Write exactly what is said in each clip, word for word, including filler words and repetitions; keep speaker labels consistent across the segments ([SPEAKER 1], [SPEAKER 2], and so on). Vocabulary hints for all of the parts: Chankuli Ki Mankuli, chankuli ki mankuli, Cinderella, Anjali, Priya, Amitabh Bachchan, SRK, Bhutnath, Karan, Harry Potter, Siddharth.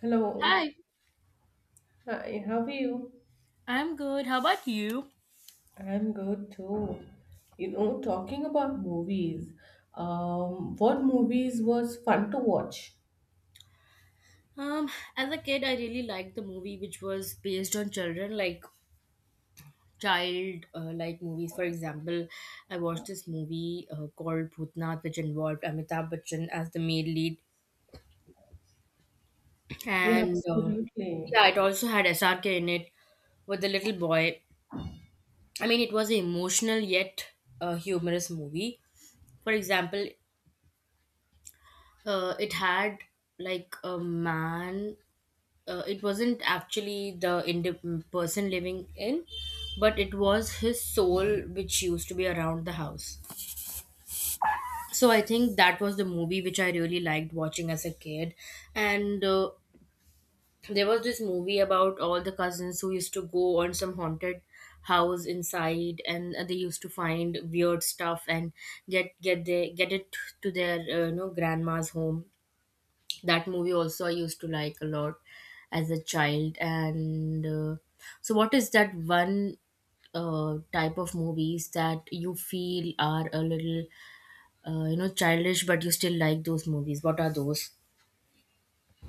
[SPEAKER 1] Hello,
[SPEAKER 2] Hi,
[SPEAKER 1] hi, how are you?
[SPEAKER 2] I'm good. How about you?
[SPEAKER 1] I'm good too. You know, talking about movies, um, what movies was fun to watch?
[SPEAKER 2] Um, as a kid, I really liked the movie which was based on children, like child uh, like movies. For example, I watched this movie uh, called Bhutnath, which involved Amitabh Bachchan as the main lead,
[SPEAKER 1] Yeah,
[SPEAKER 2] and uh,
[SPEAKER 1] absolutely.
[SPEAKER 2] yeah, it also had S R K in it with the little boy. I mean, it was an emotional yet uh, humorous movie. For example, uh, it had like a man. Uh, it wasn't actually the indi- mm, person living in, but it was his soul, which used to be around the house. So I think that was the movie which I really liked watching as a kid. And uh, There was this movie about all the cousins who used to go on some haunted house inside, and uh, they used to find weird stuff and get get their get it to their uh, you know grandma's home. That movie also I used to like a lot as a child, and uh, so what is that one uh, type of movies that you feel are a little, uh, you know childish, but you still like those movies? What are those?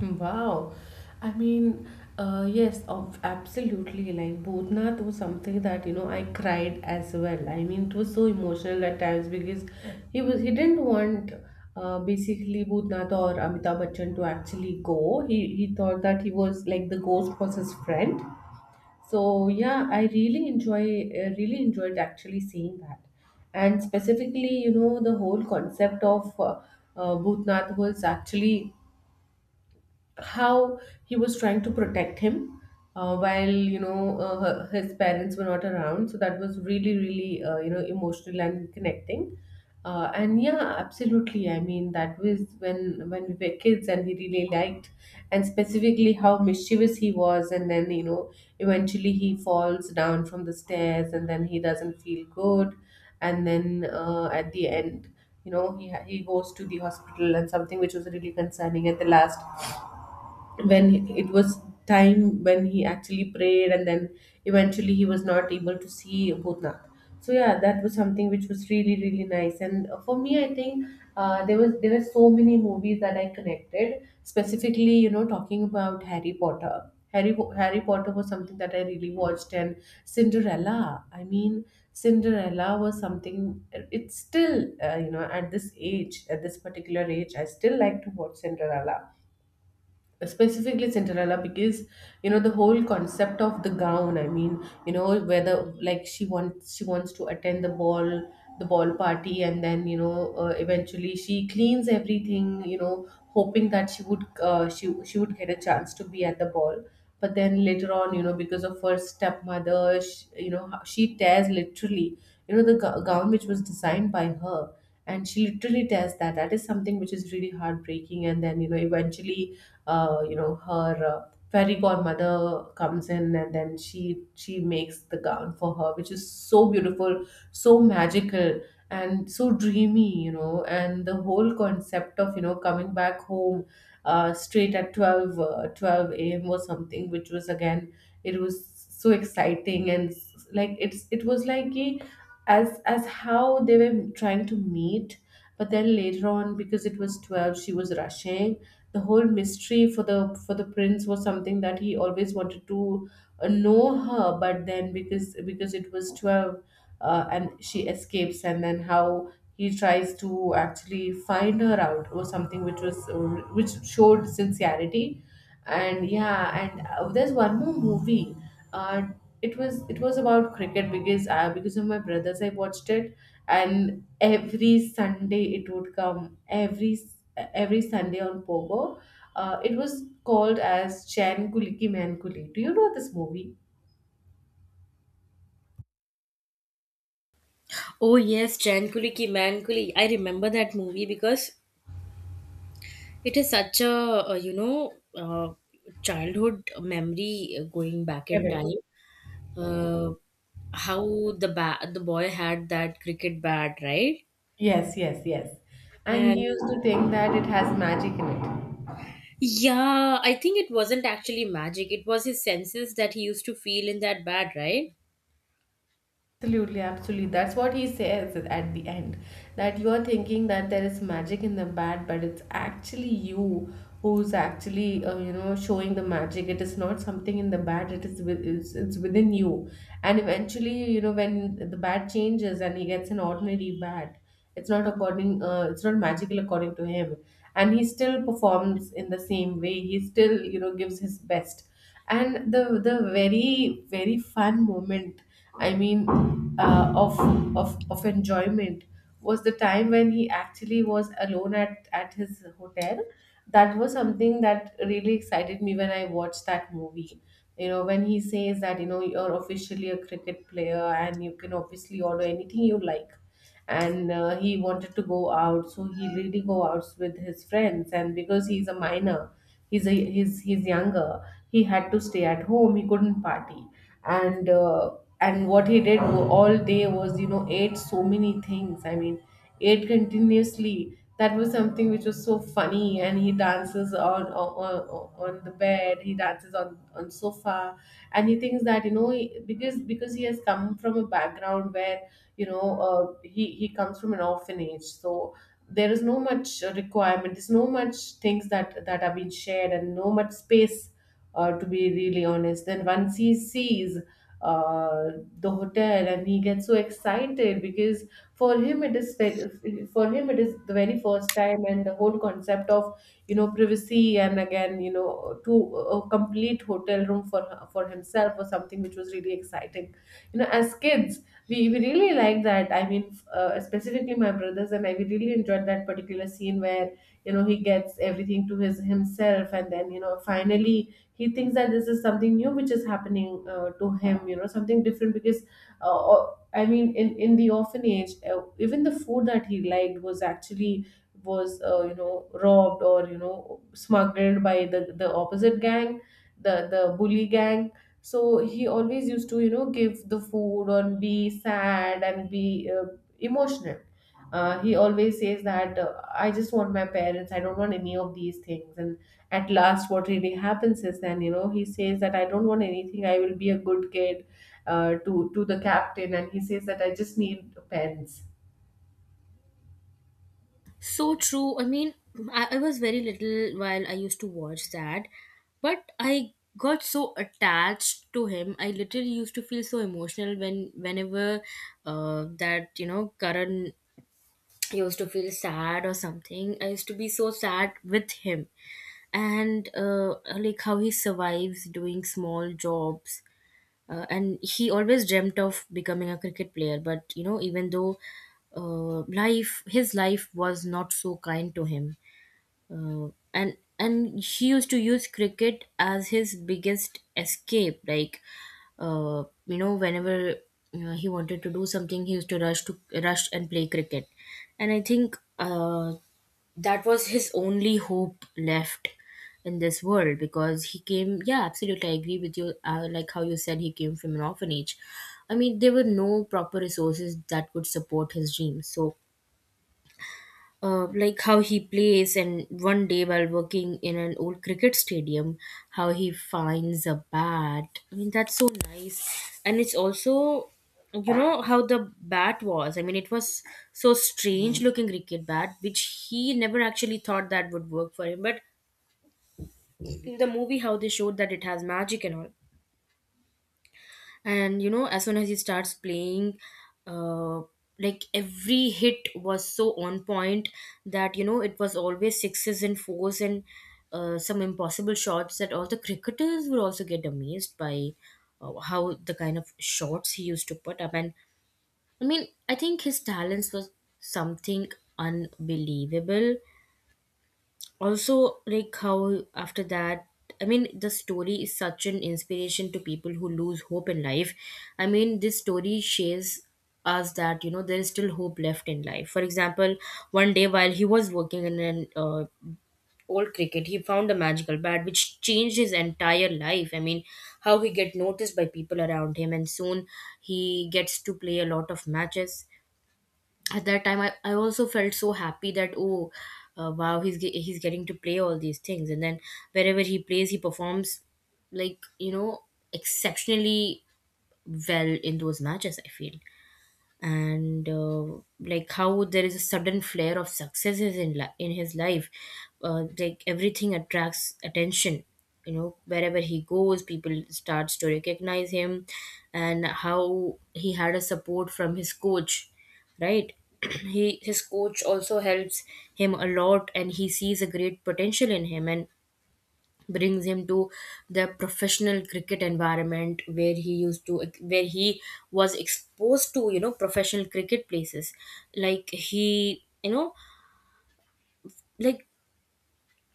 [SPEAKER 1] Wow. I mean, uh, yes, of absolutely. Like Bhutnath was something that, you know, I cried as well. I mean, it was so emotional at times because he was he didn't want uh, basically Bhutnath or Amitabh Bachchan to actually go. He he thought that he was like the ghost was his friend. So yeah, I really enjoy uh, really enjoyed actually seeing that, and specifically, you know, the whole concept of uh, uh, Bhutnath was actually how he was trying to protect him uh, while you know uh, her- his parents were not around, so that was really really uh, you know emotional and connecting. Uh, and yeah, absolutely, I mean that was when when we were kids and we really liked, and specifically how mischievous he was. And then you know eventually he falls down from the stairs and then he doesn't feel good, and then uh, at the end you know he, ha- he goes to the hospital and something which was really concerning at the last, when it was time when he actually prayed and then eventually he was not able to see Bhutnath. So yeah, that was something which was really really nice. And for me, I think uh, there was there were so many movies that I connected. Specifically, you know, talking about Harry Potter. Harry Po- Harry Potter was something that I really watched, and Cinderella. I mean, Cinderella was something. It's still uh, you know, at this age, at this particular age, I still like to watch Cinderella, specifically Cinderella because you know the whole concept of the gown. I mean, you know, whether like she wants she wants to attend the ball, the ball party, and then you know uh, eventually she cleans everything, you know, hoping that she would uh, she she would get a chance to be at the ball. But then later on, you know, because of her stepmother, she, you know how- she tears literally, you know, the go- gown which was designed by her, and she literally tears that. That is something which is really heartbreaking. And then you know eventually uh, you know her uh, fairy godmother comes in and then she she makes the gown for her which is so beautiful, so magical, and so dreamy, you know. And the whole concept of you know coming back home, uh, straight at 12 uh, twelve a.m or something, which was again, it was so exciting and s- like it's it was like a, as as how they were trying to meet. But then later on, because it was twelve, she was rushing. The whole mystery for the for the prince was something that he always wanted to uh, know her, but then because because it was twelve, uh, and she escapes, and then how he tries to actually find her out was something which was uh, which showed sincerity. And yeah, and uh, there's one more movie. uh, it was it was about cricket because I, because of my brothers I watched it. And every Sunday it would come, every every Sunday on Pogo. Uh, it was called as Chan Kuli Ki Man Kuli, do you know this movie?
[SPEAKER 2] Oh yes, Chankuli Ki Mankuli, I remember that movie because it is such a, uh, you know uh, childhood memory, uh, going back in
[SPEAKER 1] Correct.
[SPEAKER 2] time. uh, how the ba- the boy had that cricket bat, right?
[SPEAKER 1] Yes, yes, yes, and he
[SPEAKER 2] And
[SPEAKER 1] used to think that it has magic in it.
[SPEAKER 2] yeah, I think it wasn't actually magic. It was his senses that he used to feel in that bad, right?
[SPEAKER 1] Absolutely, absolutely. That's what he says at the end. That you're thinking that there is magic in the bat, but it's actually you who's actually uh, you know showing the magic. It is not something in the bat. It is with, it's, it's within you. And eventually, you know, when the bat changes and he gets an ordinary bat, it's not according. Uh, it's not magical according to him. And he still performs in the same way. He still you know gives his best. And the the very very fun moment. I mean, uh, of, of of enjoyment was the time when he actually was alone at at his hotel. That was something that really excited me when I watched that movie, you know, when he says that you know you're officially a cricket player and you can obviously order anything you like. And uh, he wanted to go out, so he really go out with his friends. And because he's a minor, he's a he's he's younger, he had to stay at home, he couldn't party. And uh, and what he did wa- all day was, you know, ate so many things. I mean, ate continuously. That was something which was so funny. And he dances on on, on on the bed, he dances on on sofa. And he thinks that you know he- because because he has come from a background where you know uh, he he comes from an orphanage. So there is no much requirement, there's no much things that that are being shared, and no much space, uh, to be really honest. Then once he sees uh, the hotel and he gets so excited because for him it is ve- for him it is the very first time. And the whole concept of you know privacy, and again you know to a complete hotel room for for himself, was something which was really exciting. You know, as kids, we, we really like that. I mean, f- uh, specifically my brothers and I, we really enjoyed that particular scene where you know he gets everything to his himself. And then you know finally he thinks that this is something new which is happening uh, to him, you know, something different because uh, or- I mean in, in the orphanage, uh, even the food that he liked was actually was uh, you know robbed or you know smuggled by the the opposite gang, the the bully gang. So he always used to you know give the food or be sad and be uh, emotional. Uh, he always says that uh, I just want my parents, I don't want any of these things. And at last what really happens is then you know he says that I don't want anything, I will be a good kid, uh, to to the captain. And he says that I just need pens.
[SPEAKER 2] So true. I mean, I, I was very little while I used to watch that, but I got so attached to him. I literally used to feel so emotional when whenever uh, that you know Karan used to feel sad or something. I used to be so sad with him, and, uh, like, how he survives doing small jobs, uh, and he always dreamt of becoming a cricket player. But you know, even though, uh, life his life was not so kind to him, uh, and and he used to use cricket as his biggest escape. Like, uh, you know whenever uh, he wanted to do something, he used to rush to rush and play cricket. And I think uh, that was his only hope left in this world, because he came, yeah, absolutely, I agree with you. Uh, like how you said, he came from an orphanage. I mean, there were no proper resources that could support his dreams. So, uh, like, how he plays, and one day while working in an old cricket stadium, how he finds a bat. I mean, that's so nice. And it's also, you know, how the bat was. I mean, it was so strange looking cricket bat, which he never actually thought that would work for him. But in the movie, how they showed that it has magic and all, and you know, as soon as he starts playing, uh like, every hit was so on point that, you know, it was always sixes and fours, and uh, some impossible shots that all the cricketers would also get amazed by. Uh, how the kind of shots he used to put up. And I mean, I think his talents was something unbelievable. Also, like, how after that, I mean, the story is such an inspiration to people who lose hope in life. I mean, this story shares us that, you know, there is still hope left in life. For example, one day while he was working in an uh, old cricket, he found a magical bat which changed his entire life. I mean, how he get noticed by people around him, and soon he gets to play a lot of matches. At that time, I, I also felt so happy that, oh, uh, wow, he's ge- he's getting to play all these things. And then, wherever he plays, he performs, like, you know, exceptionally well in those matches, I feel. And uh, like, how there is a sudden flare of successes in li- in his life. Uh, like, everything attracts attention. You know, wherever he goes, people starts to recognize him. And how he had a support from his coach, right? he his coach also helps him a lot, and he sees a great potential in him, and brings him to the professional cricket environment, where he used to where he was exposed to, you know, professional cricket places. Like, he, you know, like,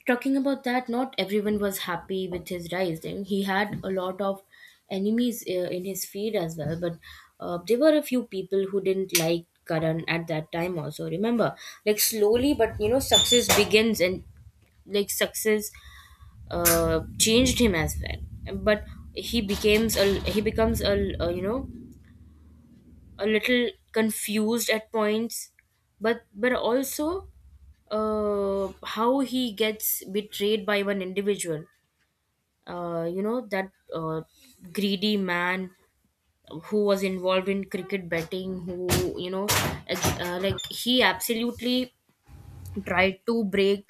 [SPEAKER 2] talking about that, not everyone was happy with his rise, and he had a lot of enemies uh, in his feed as well. But uh, there were a few people who didn't like Karan at that time also, remember? Like, slowly but, you know, success begins, and like, success uh, changed him as well. But he becomes a, he becomes a, a you know, a little confused at points. but but also, uh, how he gets betrayed by one individual, uh, you know that uh, greedy man, who was involved in cricket betting, who, you know, ex- uh, like, he absolutely tried to break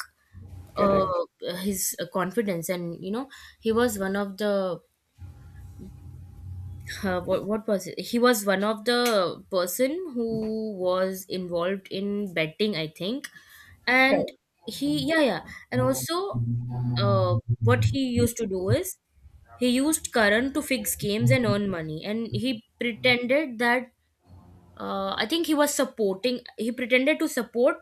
[SPEAKER 2] uh,
[SPEAKER 1] Correct.
[SPEAKER 2] his, uh, confidence. And you know, he was one of the, uh, what what was it? He was one of the person who was involved in betting, I think, and
[SPEAKER 1] Correct.
[SPEAKER 2] he, yeah yeah, and also, uh, what he used to do is, he used Karan to fix games and earn money, and he pretended that, uh, I think he was supporting. He pretended to support,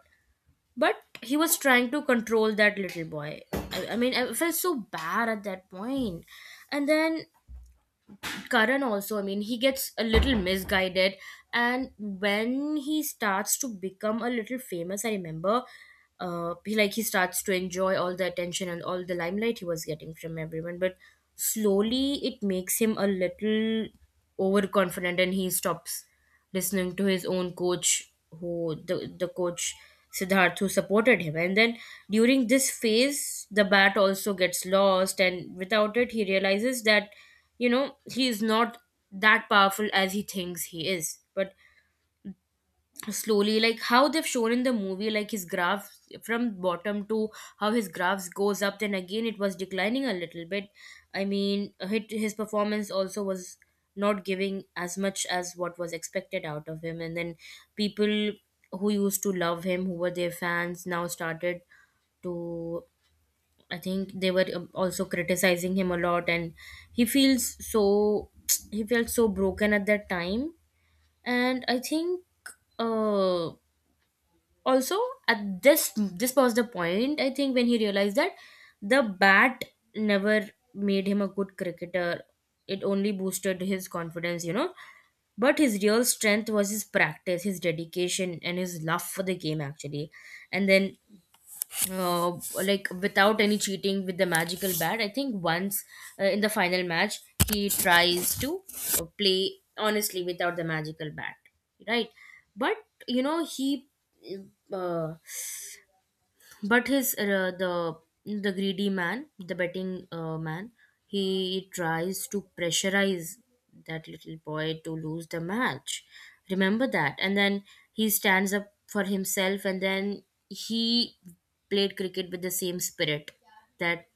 [SPEAKER 2] but he was trying to control that little boy. I, I mean, I felt so bad at that point, and then Karan also, I mean, he gets a little misguided. And when he starts to become a little famous, I remember, uh, he, like, he starts to enjoy all the attention and all the limelight he was getting from everyone. But slowly, it makes him a little overconfident, and he stops listening to his own coach, who, the, the coach Siddharth, who supported him. And then, during this phase, the bat also gets lost, and without it, he realizes that, you know, he is not that powerful as he thinks he is. But slowly, like how they've shown in the movie, like, his graph from bottom to, how his graphs goes up, then again it was declining a little bit. I mean, hit- his performance also was not giving as much as what was expected out of him. And then, people who used to love him, who were their fans, now started to, I think they were um, also criticizing him a lot, and he feels so he felt so broken at that time. And I think uh also, at this, this was the point, I think, when he realized that the bat never made him a good cricketer. It only boosted his confidence, you know. But his real strength was his practice, his dedication, and his love for the game, actually. And then, uh, like, without any cheating with the magical bat. I think once, uh, in the final match, he tries to uh, play honestly without the magical bat, right? But, you know, he, uh, but his uh, the the greedy man, the betting uh, man, he tries to pressurize that little boy to lose the match, remember that? And then he stands up for himself, and then he played cricket with the same spirit that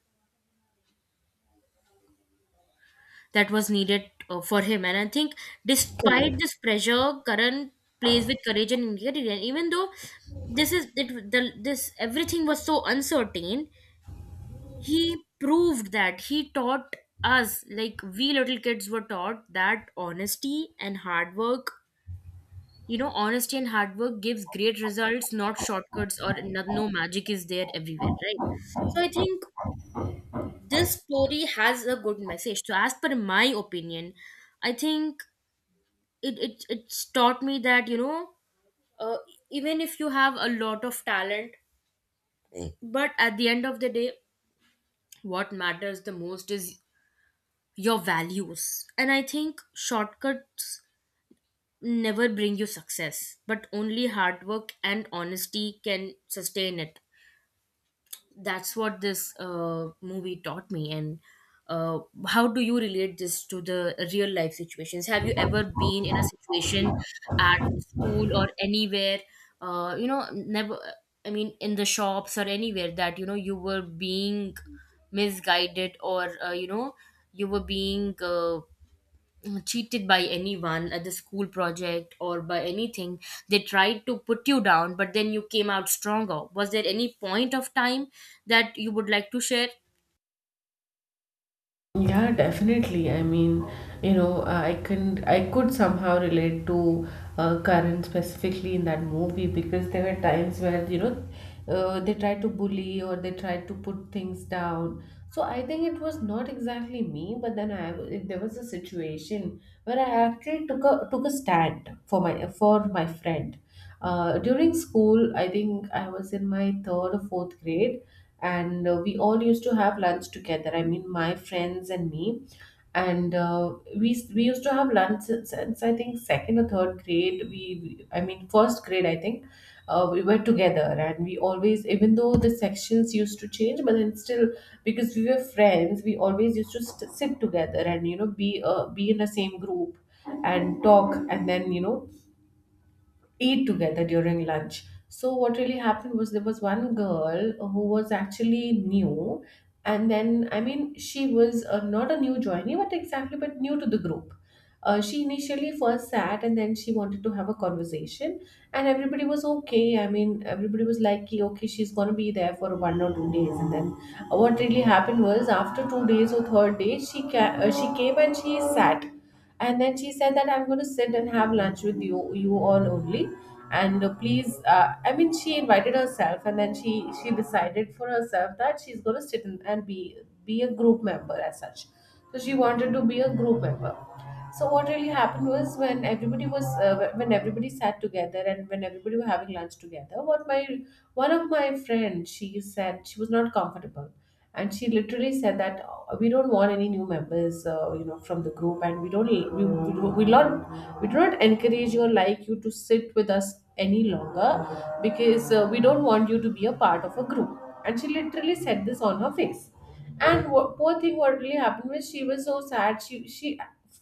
[SPEAKER 2] that was needed uh, for him. And I think, despite
[SPEAKER 1] Correct.
[SPEAKER 2] this pressure, Karan plays with courage and integrity. And even though this is it, the, this everything was so uncertain, he proved that, he taught us, like, we little kids were taught that honesty and hard work, you know, honesty and hard work gives great results, not shortcuts, or no, no magic is there everywhere, right? So I think this story has a good message. So as per my opinion, I think it, it it's taught me that, you know, uh, even if you have a lot of talent, but at the end of the day, what matters the most is your values. And I think shortcuts never bring you success, but only hard work and honesty can sustain it. That's what this uh, movie taught me. And uh, how do you relate this to the real life situations? Have you ever been in a situation at school or anywhere, uh, you know, never, I mean, in the shops or anywhere, that, you know, you were being misguided, or, uh, you know, you were being uh, mm, cheated by anyone at the school project or by anything, they tried to put you down, but then you came out stronger? Was there any point of time that you would like to share?
[SPEAKER 1] Yeah, definitely. I mean, you know, uh, I can I could somehow relate to uh, Karan specifically in that movie, because there were times where, you know, uh, they tried to bully or they tried to put things down. So I think it was not exactly me, but then I w- there was a situation where I actually took a took a stand for my for my friend. Uh, during school, I think I was in my third or fourth grade, and uh, we all used to have lunch together, I mean my friends and me. And uh, we we used to have lunch since, since I think second or third grade, we I mean first grade, I think uh, we were together. And we always, even though the sections used to change but then still, because we were friends, we always used to st- sit together and you know be, uh, be in the same group and talk and then you know eat together during lunch. So what really happened was, there was one girl who was actually new. And then I mean she was uh, not a new joinee, but exactly but new to the group. Uh, she initially first sat and then she wanted to have a conversation, and everybody was okay. I mean, everybody was like, "Ki, okay, she's gonna be there for one or two days." And then uh, what really happened was, after two days or third day, she ca- uh, she came and she sat, and then she said that, "I'm gonna sit and have lunch with you, you all only." And uh, please, uh, I mean, she invited herself and then she she decided for herself that she's going to sit in and be, be a group member as such. So she wanted to be a group member. So what really happened was, when everybody was, uh, when everybody sat together and when everybody were having lunch together, what my one of my friends, she said she was not comfortable, and she literally said that, "Oh, we don't want any new members, uh, you know, from the group, and we don't we we, do- we not we do not encourage you or like you to sit with us any longer, because uh, we don't want you to be a part of a group." And she literally said this on her face. And what, poor thing, what really happened was she was so sad, she she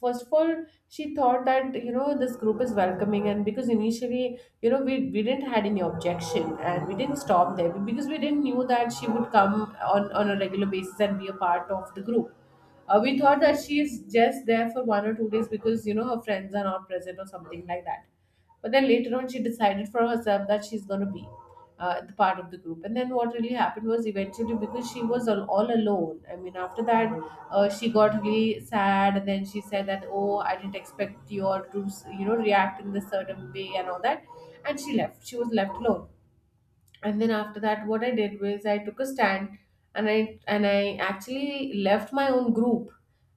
[SPEAKER 1] first of all, she thought that, you know, this group is welcoming, and because initially, you know, we, we didn't had any objection and we didn't stop there because we didn't knew that she would come on on a regular basis and be a part of the group. Uh, we thought that she is just there for one or two days because, you know, her friends are not present or something like that. But then later on, she decided for herself that she's going to be uh, the part of the group. And then what really happened was eventually, because she was all, all alone. I mean, after that, uh, she got really sad, and then she said that, "Oh, I didn't expect you all to, you know, react in this certain way and all that," and she left. She was left alone. And then after that, what I did was I took a stand, and i and i actually left my own group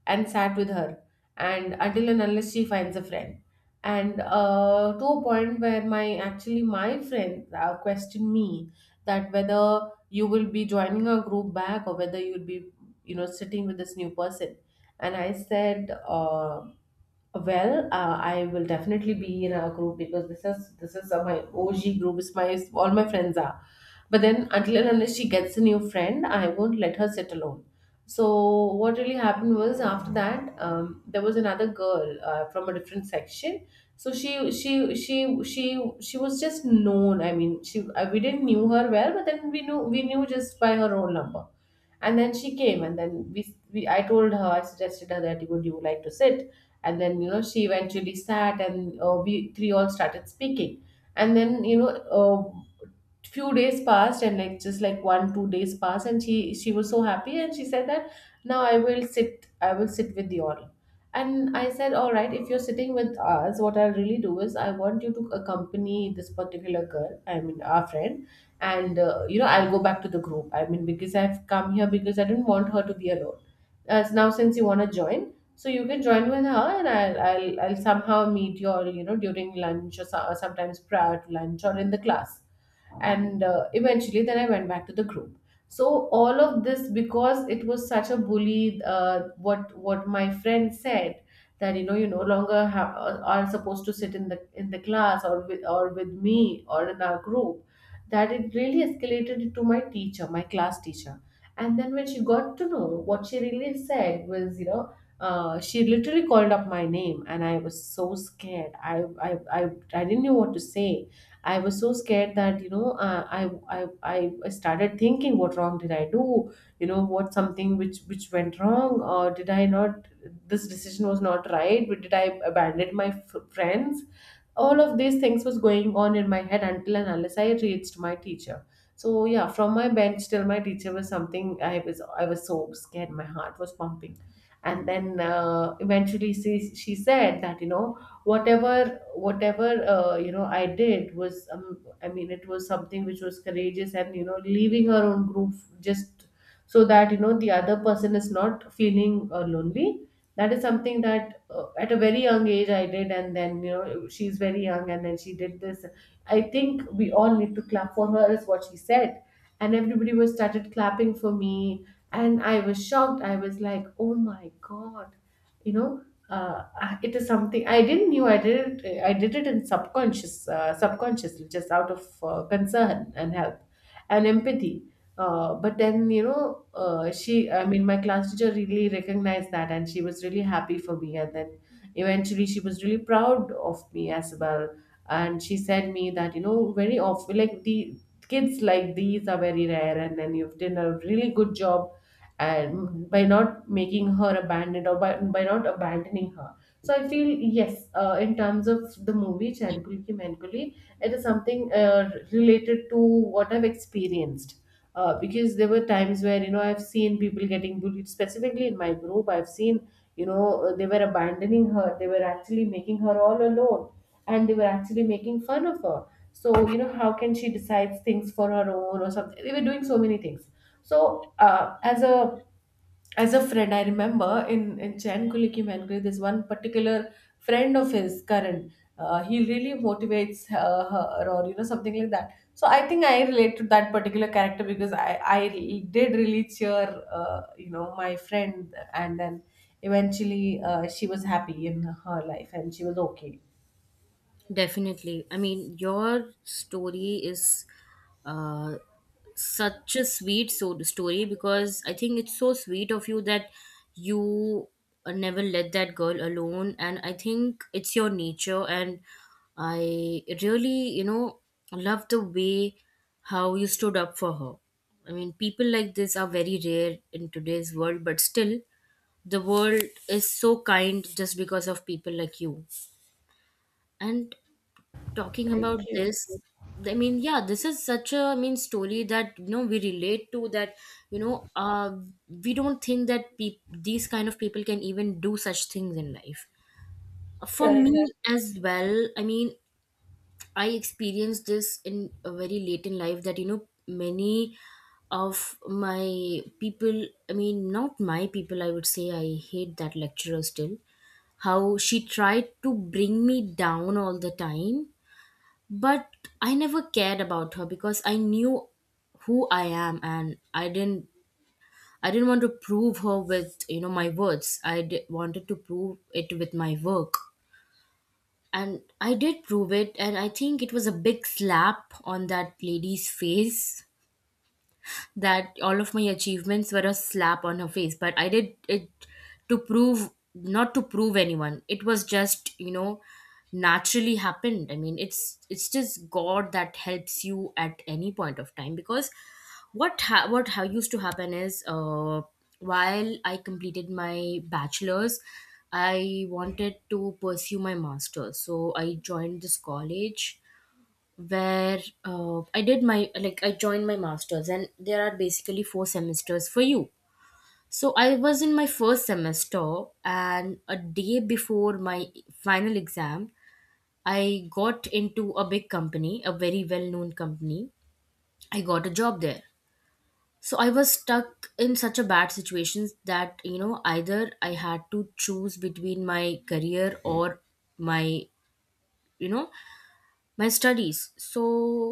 [SPEAKER 1] and sat with her and until and unless she finds a friend. And uh, to a point where my actually my friend uh, questioned me that whether you will be joining a group back or whether you'll be, you know, sitting with this new person. And I said, uh, well, uh, I will definitely be in a group because this is this is uh, my O G group. It's my, all my friends are. But then until and unless she gets a new friend, I won't let her sit alone. So what really happened was after that, um, there was another girl uh, from a different section. So she she she she she was just known. I mean, she uh, we didn't knew her well, but then we knew we knew just by her own number. And then she came, and then we, we I told her, I suggested her, that would you like to sit? And then, you know, she eventually sat, and uh, we three all started speaking. And then, you know uh, few days passed, and like, just like one two days passed, and she she was so happy, and she said that, now I will sit, I will sit with you all. And I said, all right, if you're sitting with us, what I'll really do is I want you to accompany this particular girl, I mean, our friend. And uh, you know, I'll go back to the group. I mean, because I've come here because I didn't want her to be alone. As now since you want to join, so you can join with her, and I'll I'll, I'll somehow meet you, or, you know, during lunch, or so, or sometimes prior to lunch, or in the class. And uh, eventually then I went back to the group. So all of this, because it was such a bully, uh, what what my friend said, that, you know, you no longer have, are supposed to sit in the in the class or with, or with me, or in our group, that it really escalated to my teacher, my class teacher. And then when she got to know, what she really said was, you know, uh, she literally called up my name, and I was so scared. I, I i i didn't know what to say. I was so scared that, you know, uh, I I I I started thinking, what wrong did I do? You know, what, something which which went wrong, or did I not? This decision was not right, but did I abandon my f- friends? All of these things was going on in my head until and unless I reached my teacher. So yeah, from my bench till my teacher was something, I was I was so scared, my heart was pumping. And then uh, eventually she, she said that, you know, whatever whatever uh, you know, i did was um, i mean it was something which was courageous, and you know, leaving her own group, just so that, you know, the other person is not feeling uh, lonely. That is something that uh, at a very young age I did, and then, you know, she's very young, and then she did this. I think we all need to clap for her, is what she said. And everybody was started clapping for me. And I was shocked, I was like, oh my god, you know. Uh, uh, it is something I didn't knew. I did it I did it in subconscious, uh, subconsciously, just out of uh, concern and help, and empathy. Uh, but then, you know, uh, she, I mean, my class teacher really recognized that, and she was really happy for me. And then eventually she was really proud of me as well. And she said me that, you know, very often like the kids like these are very rare, and then you've done a really good job, and by not making her abandoned, or by, by not abandoning her. So I feel, yes, uh, in terms of the movie Chankul Ki Mankuli, it is something uh, related to what I've experienced. Uh, because there were times where, you know, I've seen people getting bullied, specifically in my group. I've seen, you know, uh, they were abandoning her, they were actually making her all alone, and they were actually making fun of her. So, you know, how can she decide things for her own or something? They were doing so many things. So uh, as a as a friend, I remember in in Chankuli Ki Mankuli, there's one particular friend of his, Karan. Uh, he really motivates uh, her, or you know, something like that. So I think I relate to that particular character because I I did really cheer, uh, you know, my friend, and then eventually uh, she was happy in her life and she was okay.
[SPEAKER 2] Definitely. I mean, your story is uh, such a sweet so- story, because I think it's so sweet of you that you uh, never let that girl alone. And I think it's your nature. And I really, you know, love the way how you stood up for her. I mean, people like this are very rare in today's world, but still, the world is so kind just because of people like you. And talking
[SPEAKER 1] Thank
[SPEAKER 2] about
[SPEAKER 1] you.
[SPEAKER 2] this, I mean yeah this is such a I mean story that you know we relate to that. you know uh we don't think that peop these kind of people can even do such things in life. For
[SPEAKER 1] Correct.
[SPEAKER 2] me as well, I mean, I experienced this in a very late in life, that you know many of my people, I mean, not my people, I would say. I hate that lecturer still, how she tried to bring me down all the time. But I never cared about her because I knew who I am, and I didn't, i didn't want to prove her with you know my words. I d- wanted to prove it with my work, and I did prove it. And I think it was a big slap on that lady's face, that all of my achievements were a slap on her face. But I did it to prove, not to prove anyone, it was just, you know naturally happened. I mean, it's it's just god that helps you at any point of time. Because what ha- what ha- used to happen is, uh, while I completed my bachelor's, I wanted to pursue my master's, so I joined this college where uh, I did my, like, I joined my masters, and there are basically four semesters for you. So I was in my first semester, and a day before my final exam, I got into a big company, a very well-known company. I got a job there. So I was stuck in such a bad situation that, you know, either I had to choose between my career or my, you know my studies. So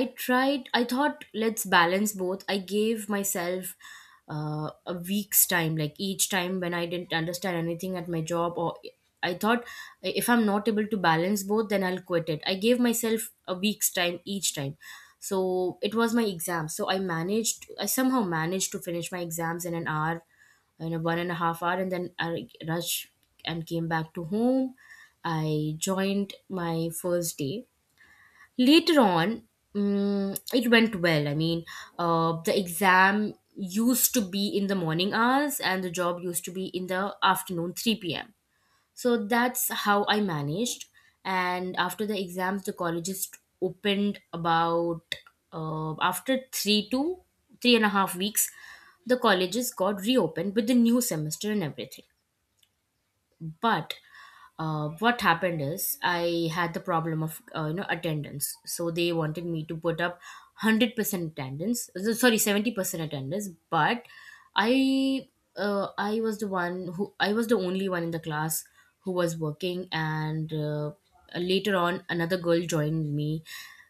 [SPEAKER 2] I tried, I thought, let's balance both. I gave myself uh, a week's time, like each time when I didn't understand anything at my job, or I thought if I'm not able to balance both, then I'll quit it. I gave myself a week's time each time. So it was my exam, so I managed, I somehow managed to finish my exams in an hour, in a one and a half hour, and then I rushed and came back to home. I joined my first day. Later on, mm, it went well. I mean, uh, the exam used to be in the morning hours, and the job used to be in the afternoon three p m. So that's how I managed. And after the exams, the colleges opened about, uh, after three to three and a half weeks, the colleges got reopened with the new semester and everything. But uh, what happened is, I had the problem of, uh, you know attendance. So they wanted me to put up one hundred percent attendance, uh, sorry, seventy percent attendance. But I, uh, I was the one who, I was the only one in the class who was working. And uh, later on another girl joined me.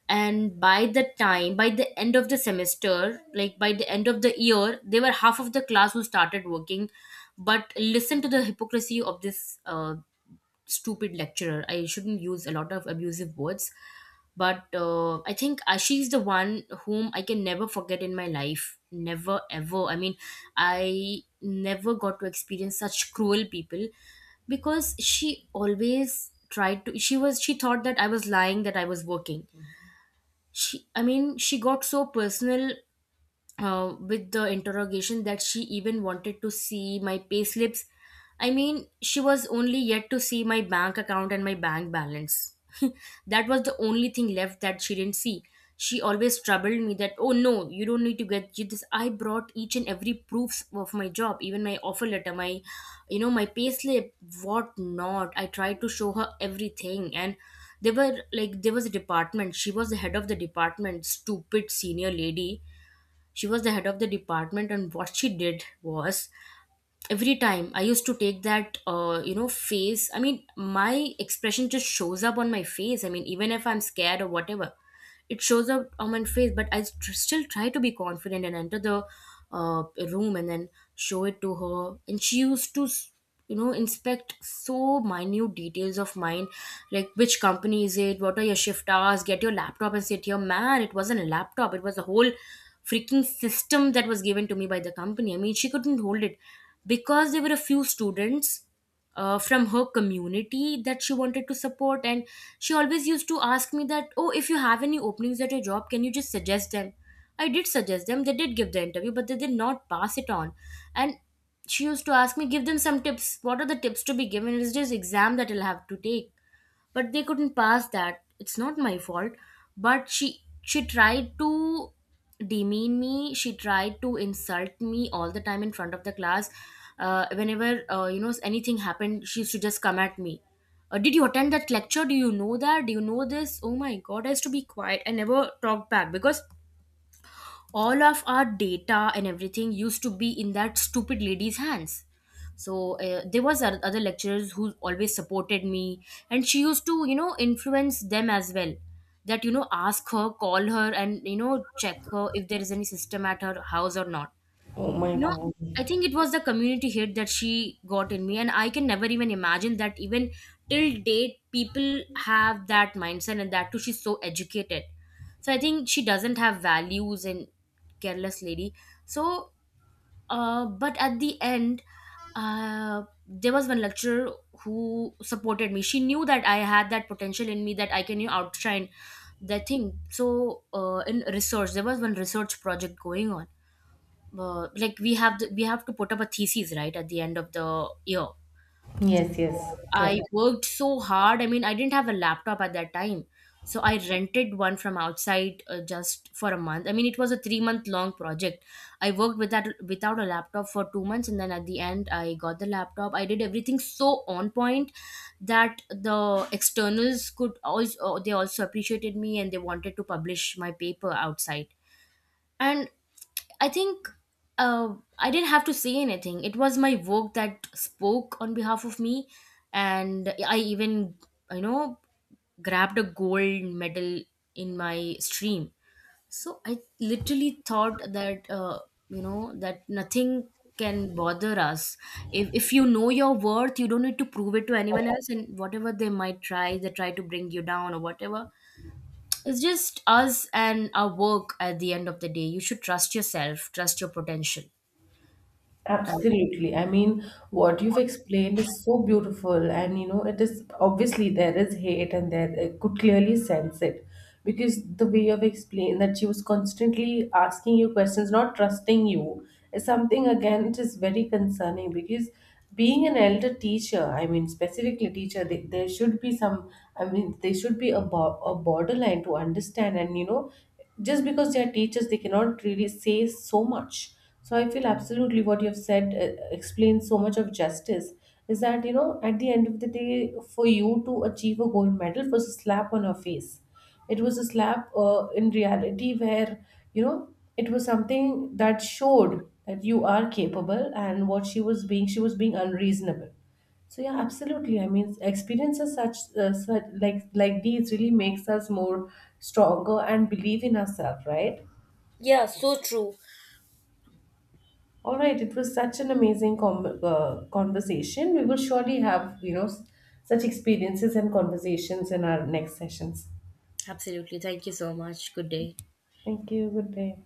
[SPEAKER 2] And by the time, by the end of the semester, like by the end of the year, they were half of the class who started working. But listen to the hypocrisy of this uh, stupid lecturer. I shouldn't use a lot of abusive words, but uh, I think uh, she's the one whom I can never forget in my life. Never ever. I mean, I never got to experience such cruel people. Because she always tried to, she was, she thought that I was lying, that I was working. She, I mean, she got so personal uh, with the interrogation, that she even wanted to see my payslips. I mean, she was only yet to see my bank account and my bank balance. That was the only thing left that she didn't see. She always troubled me that, oh no, you don't need to get you this. I brought each and every proofs of my job, even my offer letter, my, you know, my payslip, what not. I tried to show her everything. And they were like, there was a department. She was the head of the department, stupid senior lady. She was the head of the department. And what she did was, every time I used to take that, uh, you know face, I mean, my expression just shows up on my face, I mean, even if I'm scared or whatever, it shows up on my face. But I st- still try to be confident and enter the uh, room, and then show it to her. And she used to s- you know inspect so minute details of mine, like which company is it, what are your shift hours, get your laptop and sit here, man. It wasn't a laptop, it was a whole freaking system that was given to me by the company. I mean, she couldn't hold it, because there were a few students uh, from her community that she wanted to support. And she always used to ask me that, oh, if you have any openings at your job, can you just suggest them. I did suggest them, they did give the interview, but they did not pass it on. And she used to ask me, give them some tips, what are the tips to be given, is this exam that I'll have to take? But they couldn't pass that, it's not my fault. But she she tried to demean me, she tried to insult me all the time in front of the class. Uh, whenever uh, you know anything happened, she used to just come at me. Uh, did you attend that lecture, do you know that, do you know this? Oh my god, I used to be quiet, I never talked back. Because all of our data and everything used to be in that stupid lady's hands. So uh, there was oth- other lecturers who always supported me, and she used to, you know influence them as well. That, you know, ask her, call her, and you know, check her if there is any system at her house or not.
[SPEAKER 1] Oh my
[SPEAKER 2] You know,
[SPEAKER 1] God.
[SPEAKER 2] I think it was the community hit that she got in me. And I can never even imagine that, even till date people have that mindset, and that too, she's so educated. So I think she doesn't have values, and careless lady. So uh, but at the end, uh, there was one lecturer who supported me. She knew that I had that potential in me, that I can, you know, outshine the thing. So uh, in research, there was one research project going on, uh, like we have the, we have to put up a thesis, right, at the end of the year.
[SPEAKER 1] Yes. Yes.
[SPEAKER 2] I
[SPEAKER 1] Correct.
[SPEAKER 2] worked so hard. I mean, I didn't have a laptop at that time. So I rented one from outside, uh, just for a month. I mean, it was a three month long project. I worked with that without a laptop for two months, and then at the end I got the laptop. I did everything so on point, that the externals could also, they also appreciated me, and they wanted to publish my paper outside. And I think uh, I didn't have to say anything. It was my work that spoke on behalf of me. And I even, you know, grabbed a gold medal in my stream. So I literally thought that, uh, you know, that nothing can bother us. If, if you know your worth, you don't need to prove it to anyone else. And whatever they might try, they try to bring you down or whatever, it's just us and our work at the end of the day. You should trust yourself, trust your potential. And
[SPEAKER 1] Absolutely. I mean, what you've explained is so beautiful, and you know, it is obviously there is hate, and there I could clearly sense it, because the way you've explained that she was constantly asking you questions, not trusting you, is something, again, it is very concerning. Because being an elder teacher, I mean, specifically teacher, they, there should be some, I mean, there should be a, bo- a borderline to understand, and you know, just because they are teachers, they cannot really say so much. So I feel absolutely what you've said uh, explains so much of justice, is that, you know, at the end of the day, for you to achieve a gold medal was a slap on your face. It was a slap uh, in reality, where, you know, it was something that showed that you are capable, and what she was being, she was being unreasonable. So yeah, absolutely. I mean, experiences such, uh, such like like these really makes us more stronger and believe in ourselves, right?
[SPEAKER 2] yeah, so true.
[SPEAKER 1] All right, it was such an amazing com- uh, conversation. We will surely have, you know, s- such experiences and conversations in our next sessions.
[SPEAKER 2] Absolutely. Thank you so much. Good day.
[SPEAKER 1] Thank you. Good day.